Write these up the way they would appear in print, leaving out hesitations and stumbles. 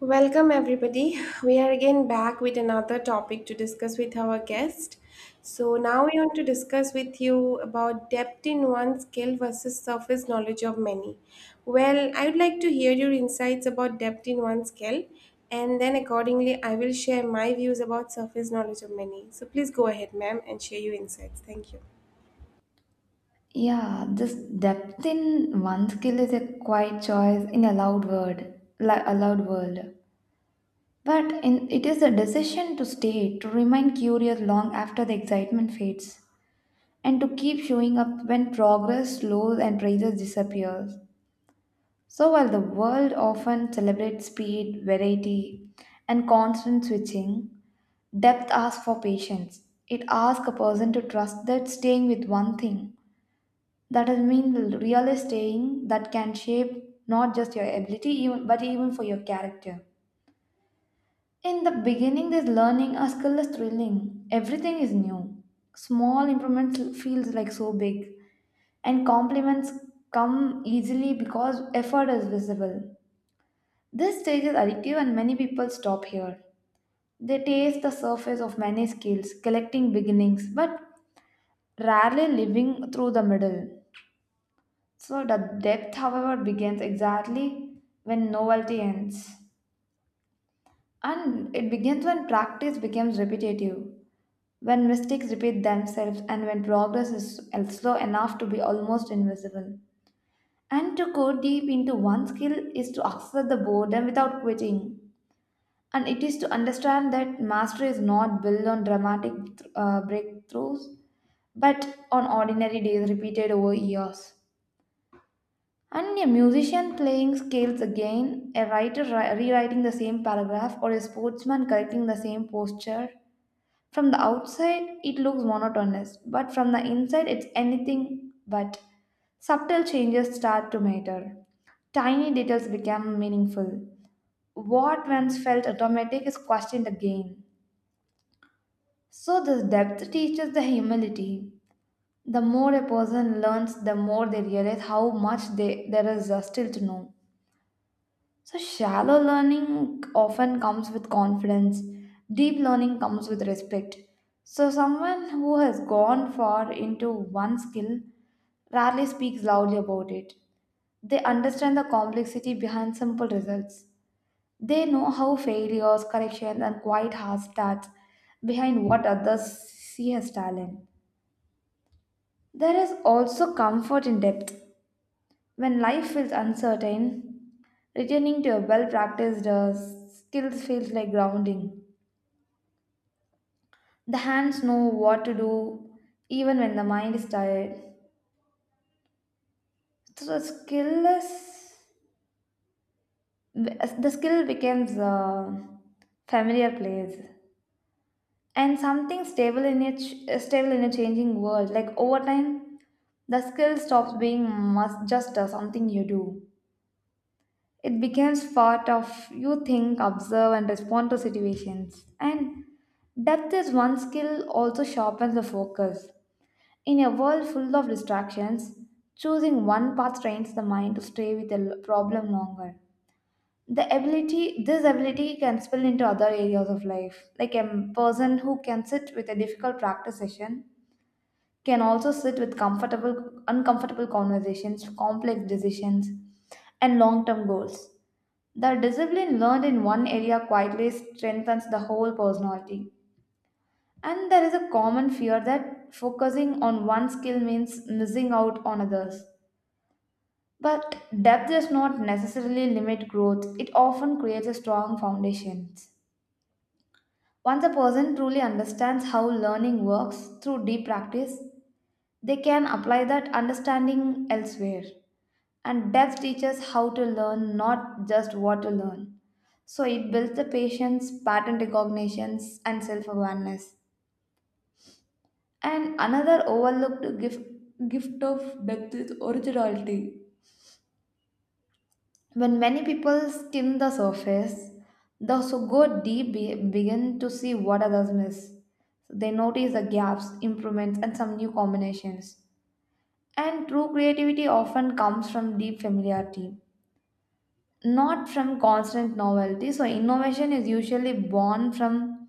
Welcome, everybody. We are again back with another topic to discuss with our guest. So now we want to discuss with you about depth in one skill versus surface knowledge of many. Well, I would like to hear your insights about depth in one skill, and then accordingly, I will share my views about surface knowledge of many. So please go ahead, ma'am, and share your insights. Thank you. Yeah, this depth in one skill is a quiet choice in a loud word, a loud world. But in, it is a decision to stay, to remain curious long after the excitement fades, and to keep showing up when progress slows and praises disappears. So while the world often celebrates speed, variety, and constant switching, depth asks for patience. It asks a person to trust that staying with one thing that has mean real staying that can shape not just your ability even but even for your character. In the beginning this learning a skill is thrilling, everything is new, small improvements feels like so big, and compliments come easily because effort is visible. This stage is addictive and many people stop here. They taste the surface of many skills collecting beginnings but rarely living through the middle. So the depth, however, begins exactly when novelty ends. And it begins when practice becomes repetitive, when mistakes repeat themselves, and when progress is slow enough to be almost invisible. And to go deep into one skill is to accept the boredom without quitting. And it is to understand that mastery is not built on dramatic breakthroughs, but on ordinary days repeated over years. And a musician playing scales again, a writer rewriting the same paragraph, or a sportsman correcting the same posture. From the outside, it looks monotonous, but from the inside, it's anything but. Subtle changes start to matter. Tiny details become meaningful. What once felt automatic is questioned again. So, this depth teaches the humility. The more a person learns, the more they realize how much they, there is still to know. So, shallow learning often comes with confidence, deep learning comes with respect. So, someone who has gone far into one skill rarely speaks loudly about it. They understand the complexity behind simple results. They know how failures, corrections, and quite hard stats behind what others see as talent. There is also comfort in depth. When life feels uncertain, returning to a well practiced skills feels like grounding. The hands know what to do even when the mind is tired. So the skill is, the skill becomes a familiar place and something stable in a stable in a changing world. Like over time, the skill stops being must just something you do. It becomes part of you think, observe, and respond to situations. And depth is one skill also sharpens the focus. In a world full of distractions, choosing one path trains the mind to stay with the problem longer. The ability, this ability can spill into other areas of life. Like a person who can sit with a difficult practice session can also sit with comfortable, uncomfortable conversations, complex decisions, and long term goals. The discipline learned in one area quietly strengthens the whole personality. And there is a common fear that focusing on one skill means missing out on others. But depth does not necessarily limit growth, it often creates a strong foundation. Once a person truly understands how learning works through deep practice, they can apply that understanding elsewhere. And depth teaches how to learn, not just what to learn. So it builds the patience, pattern recognitions, and self awareness. And another overlooked gift of depth is originality. When many people skim the surface, those who go deep begin to see what others miss. They notice the gaps, improvements, and some new combinations. And true creativity often comes from deep familiarity, not from constant novelty. So innovation is usually born from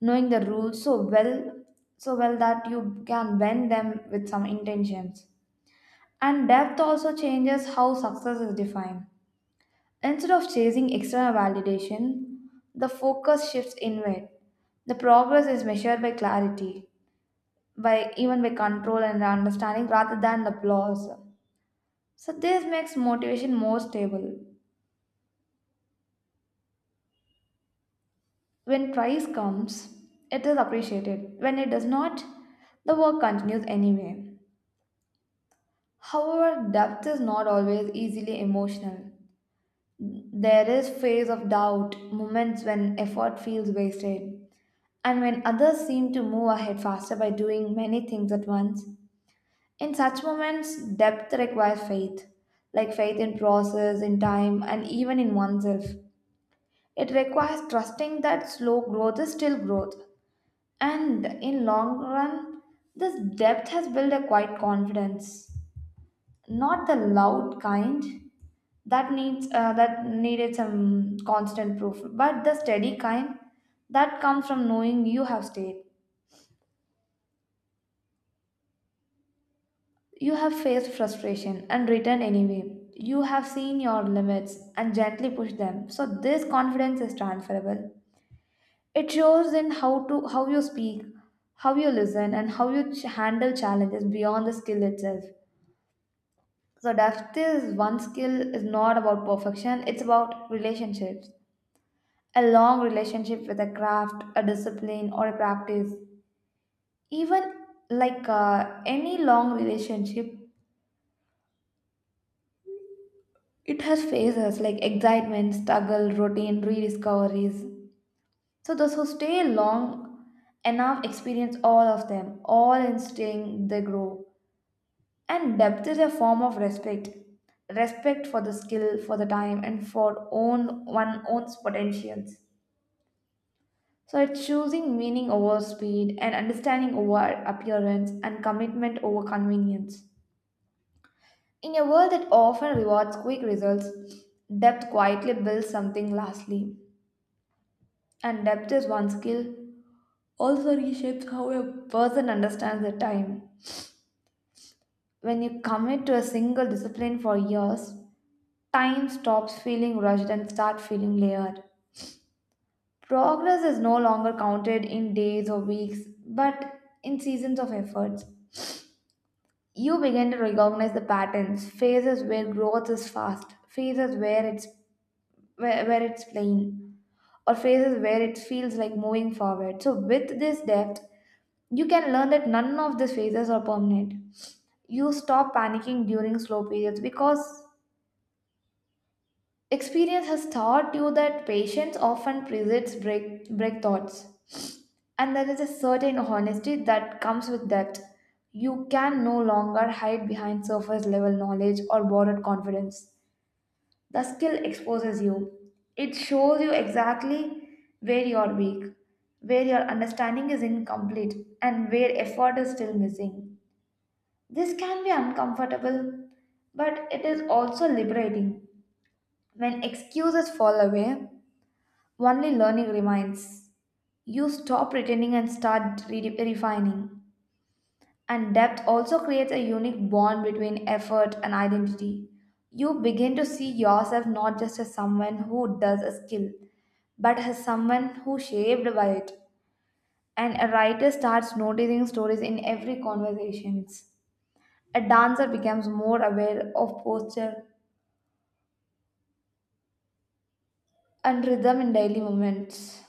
knowing the rules so well that you can bend them with some intentions. And depth also changes how success is defined. Instead of chasing external validation, the focus shifts inward. The progress is measured by clarity, by even by control and understanding rather than applause. So this makes motivation more stable. When price comes, it is appreciated. When it does not, the work continues anyway. However, depth is not always easily emotional. There is phase of doubt, moments when effort feels wasted, and when others seem to move ahead faster by doing many things at once. In such moments, depth requires faith, like faith in process, in time, and even in oneself. It requires trusting that slow growth is still growth, and in long run, this depth has built a quiet confidence, not the loud kind that needs that needed some constant proof, but the steady kind that comes from knowing you have stayed, you have faced frustration and returned anyway. You have seen your limits and gently pushed them. So this confidence is transferable. It shows in how to how you speak, how you listen, and how you handle challenges beyond the skill itself. So depth is one skill is not about perfection; it's about relationships. A long relationship with a craft, a discipline, or a practice. Even like any long relationship, it has phases like excitement, struggle, routine, rediscoveries. So those who stay long enough experience all of them, all in staying they grow. And depth is a form of respect. Respect for the skill, for the time, and for own one own's potentials. So it's choosing meaning over speed and understanding over appearance and commitment over convenience. In a world that often rewards quick results, depth quietly builds something lastly. And depth is one skill also reshapes how a person understands the time. When you commit to a single discipline for years, time stops feeling rushed and start feeling layered. Progress is no longer counted in days or weeks, but in seasons of efforts. You begin to recognize the patterns, phases where growth is fast, phases where it's where it's plain, or phases where it feels like moving forward. So with this depth, you can learn that none of these phases are permanent. You stop panicking during slow periods because experience has taught you that patience often precedes break thoughts, and there is a certain honesty that comes with that. You can no longer hide behind surface level knowledge or borrowed confidence. The skill exposes you, it shows you exactly where you are weak, where your understanding is incomplete, and where effort is still missing. This can be uncomfortable, but it is also liberating. When excuses fall away, only learning remains. You stop pretending and start refining. And depth also creates a unique bond between effort and identity. You begin to see yourself not just as someone who does a skill, but as someone who shaped by it. And a writer starts noticing stories in every conversations. A dancer becomes more aware of posture and rhythm in daily moments.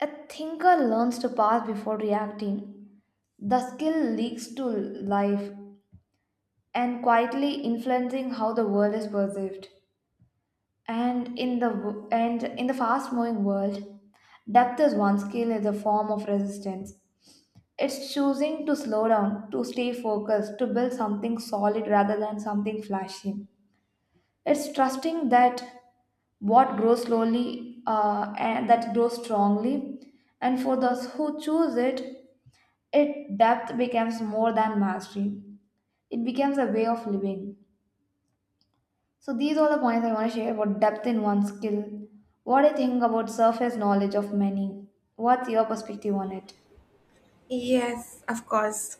A thinker learns to pause before reacting. The skill leaks to life and quietly influencing how the world is perceived. And in the w- and in the fast-moving world, depth is one skill is a form of resistance. It's choosing to slow down, to stay focused, to build something solid rather than something flashy. It's trusting that what grows slowly and that grows strongly, and for those who choose it, it depth becomes more than mastery. It becomes a way of living. So these are the points I want to share about depth in one skill. What I think about surface knowledge of many. What's your perspective on it? Yes, of course.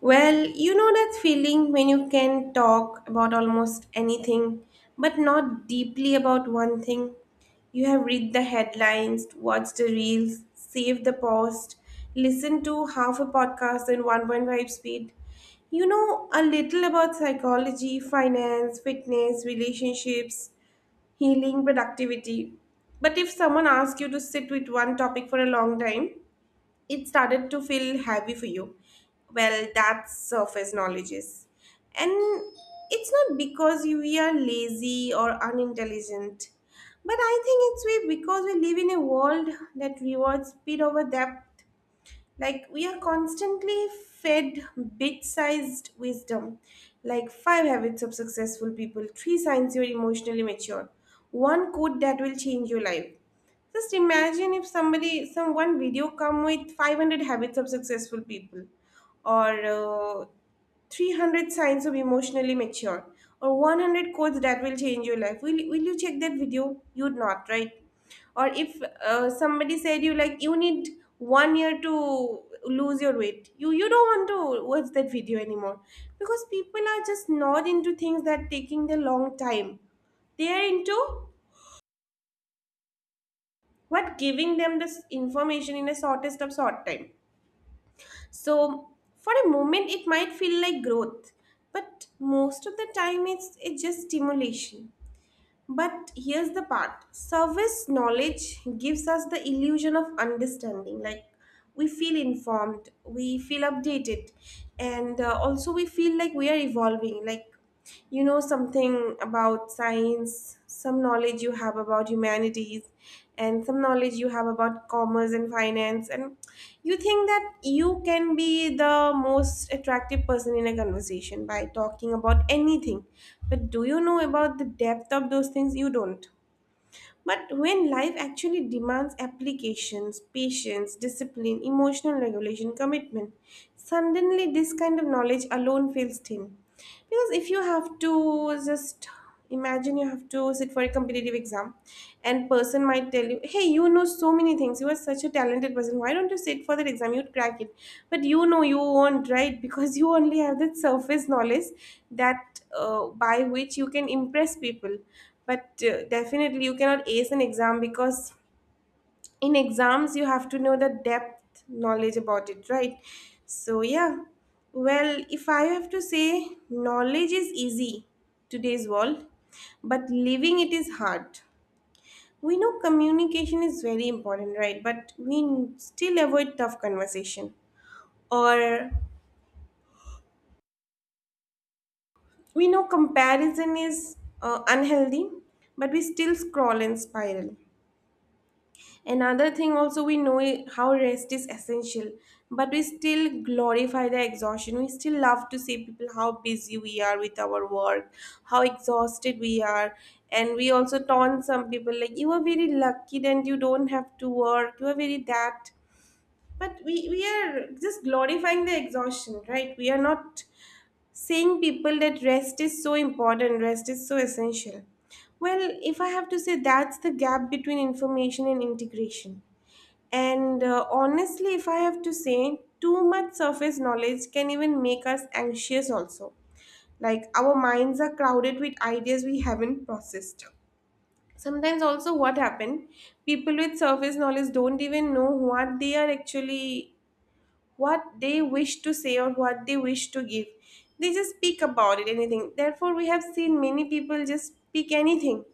Well, you know that feeling when you can talk about almost anything, but not deeply about one thing. You have read the headlines, watched the reels, saved the post, listened to half a podcast in 1.5 speed. You know a little about psychology, finance, fitness, relationships, healing, productivity. But if someone asks you to sit with one topic for a long time, it started to feel heavy for you. Well, that's surface knowledge is. And it's not because we are lazy or unintelligent, but I think it's we because we live in a world that rewards speed over depth. Like, we are constantly fed bit-sized wisdom, like five habits of successful people, three signs you're emotionally mature, one quote that will change your life. Just imagine if somebody, some one video come with 500 habits of successful people, or 300 signs of emotionally mature, or 100 quotes that will change your life. Will you check that video? You'd not, right? Or if somebody said you like you need 1 year to lose your weight, you don't want to watch that video anymore because people are just not into things that taking the long time. They are into what giving them this information in a shortest of short time. So for a moment it might feel like growth, but most of the time it's just stimulation. But here's the part: service knowledge gives us the illusion of understanding. Like, we feel informed, we feel updated, and also we feel like we are evolving. Like, you know something about science, some knowledge you have about humanities, and some knowledge you have about commerce and finance. And you think that you can be the most attractive person in a conversation by talking about anything, but do you know about the depth of those things? You don't. But when life actually demands applications, patience, discipline, emotional regulation, commitment, suddenly this kind of knowledge alone feels thin. Because if you have to just imagine you have to sit for a competitive exam, and person might tell you, hey, you know so many things, you are such a talented person, why don't you sit for that exam, you'd crack it. But you know you won't, right? Because you only have that surface knowledge that by which you can impress people, but definitely you cannot ace an exam because in exams you have to know the depth knowledge about it, right? So yeah. Well, if I have to say, knowledge is easy today's world, but living it is hard. We know communication is very important, right? But we still avoid tough conversation. Or we know comparison is unhealthy, but we still scroll and spiral. Another thing, also, we know, how rest is essential, but we still glorify the exhaustion. We still love to say people how busy we are with our work, how exhausted we are, and we also taunt some people like, you are very lucky that you don't have to work, you are very that. But we are just glorifying the exhaustion, right? We are not saying people that rest is so important, rest is so essential. Well, if I have to say, that's the gap between information and integration. And honestly, if I have to say, too much surface knowledge can even make us anxious, also. Like, our minds are crowded with ideas we haven't processed. Sometimes, also, what happened? People with surface knowledge don't even know what they are actually, what they wish to say or what they wish to give. They just speak about it, anything. Therefore, we have seen many people just speak anything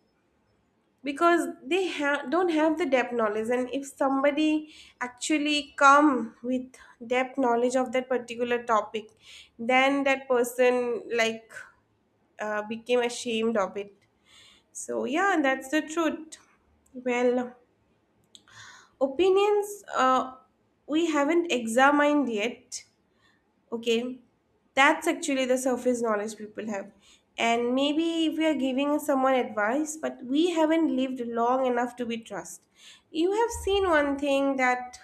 because don't have the depth knowledge. And if somebody actually come with depth knowledge of that particular topic, then that person like became ashamed of it. So yeah, that's the truth. Well, opinions we haven't examined yet, okay, that's actually the surface knowledge people have. And maybe if we are giving someone advice, but we haven't lived long enough to be trust. You have seen one thing, that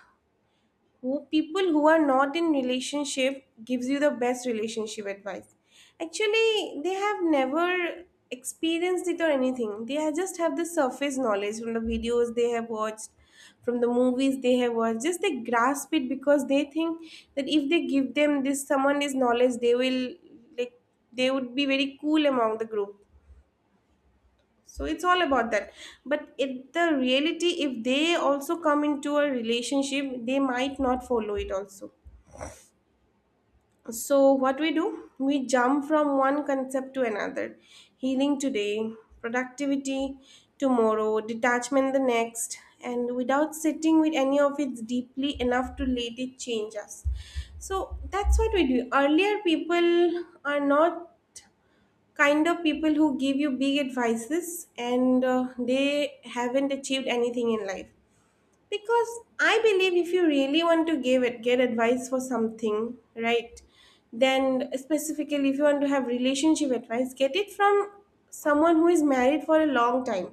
who people who are not in relationship gives you the best relationship advice. Actually they have never experienced it or anything, just have the surface knowledge from the videos they have watched, from the movies they have watched, just they grasp it because they think that if they give them this someone this knowledge they will, like, they would be very cool among the group. So it's all about that. But it the reality if they also come into a relationship they might not follow it also. So what we do? We jump from one concept to another. Healing today, productivity tomorrow, detachment the next, and without sitting with any of it deeply enough to let it change us. So that's what we do. Earlier, people are not kind of people who give you big advices and they haven't achieved anything in life because I believe if you really want to give it get advice for something, right, then specifically if you want to have relationship advice, get it from someone who is married for a long time.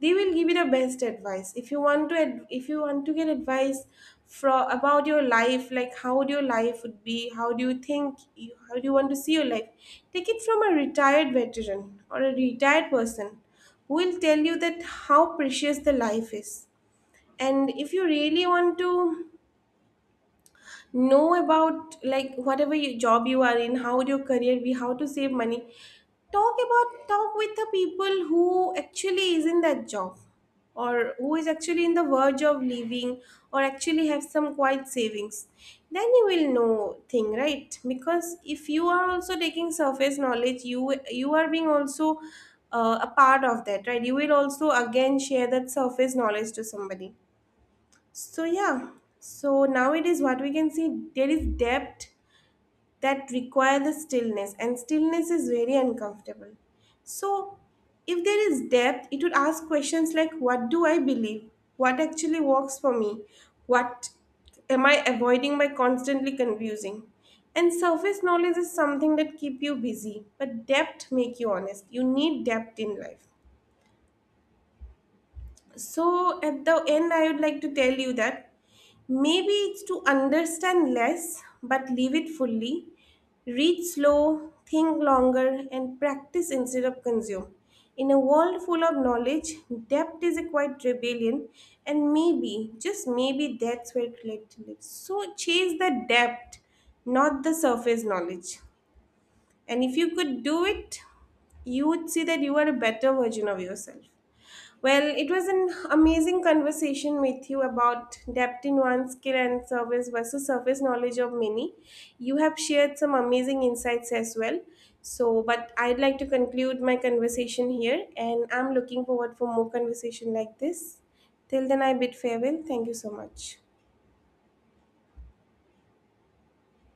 They will give you the best advice. If you want to if you want to get advice from about your life, like how would your life would be, how do you think you, how do you want to see your life, take it from a retired veteran or a retired person who will tell you that how precious the life is. And if you really want to know about, like, whatever you, job you are in, how would your career be, how to save money, talk about talk with the people who actually is in that job, or who is actually in the verge of leaving, or actually have some quite savings, then you will know thing, right? Because if you are also taking surface knowledge, you are being also a part of that, right? You will also again share that surface knowledge to somebody. So yeah, so nowadays what we can see, there is depth that require the stillness, and stillness is very uncomfortable. So if there is depth, it would ask questions like, what do I believe? What actually works for me? What am I avoiding by constantly confusing? And surface knowledge is something that keep you busy, but depth make you honest. You need depth in life. So, at the end, I would like to tell you that maybe it's to understand less but live it fully, read slow, think longer, and practice instead of consume. In a world full of knowledge, depth is a quite rebellion, and maybe, just maybe, that's where clarity lives. So chase the depth, not the surface knowledge. And if you could do it, you would see that you are a better version of yourself. Well, it was an amazing conversation with you about depth in one skill and service versus surface knowledge of many. You have shared some amazing insights as well. So, but I'd like to conclude my conversation here, and I'm looking forward for more conversation like this. Till then, I bid farewell. Thank you so much.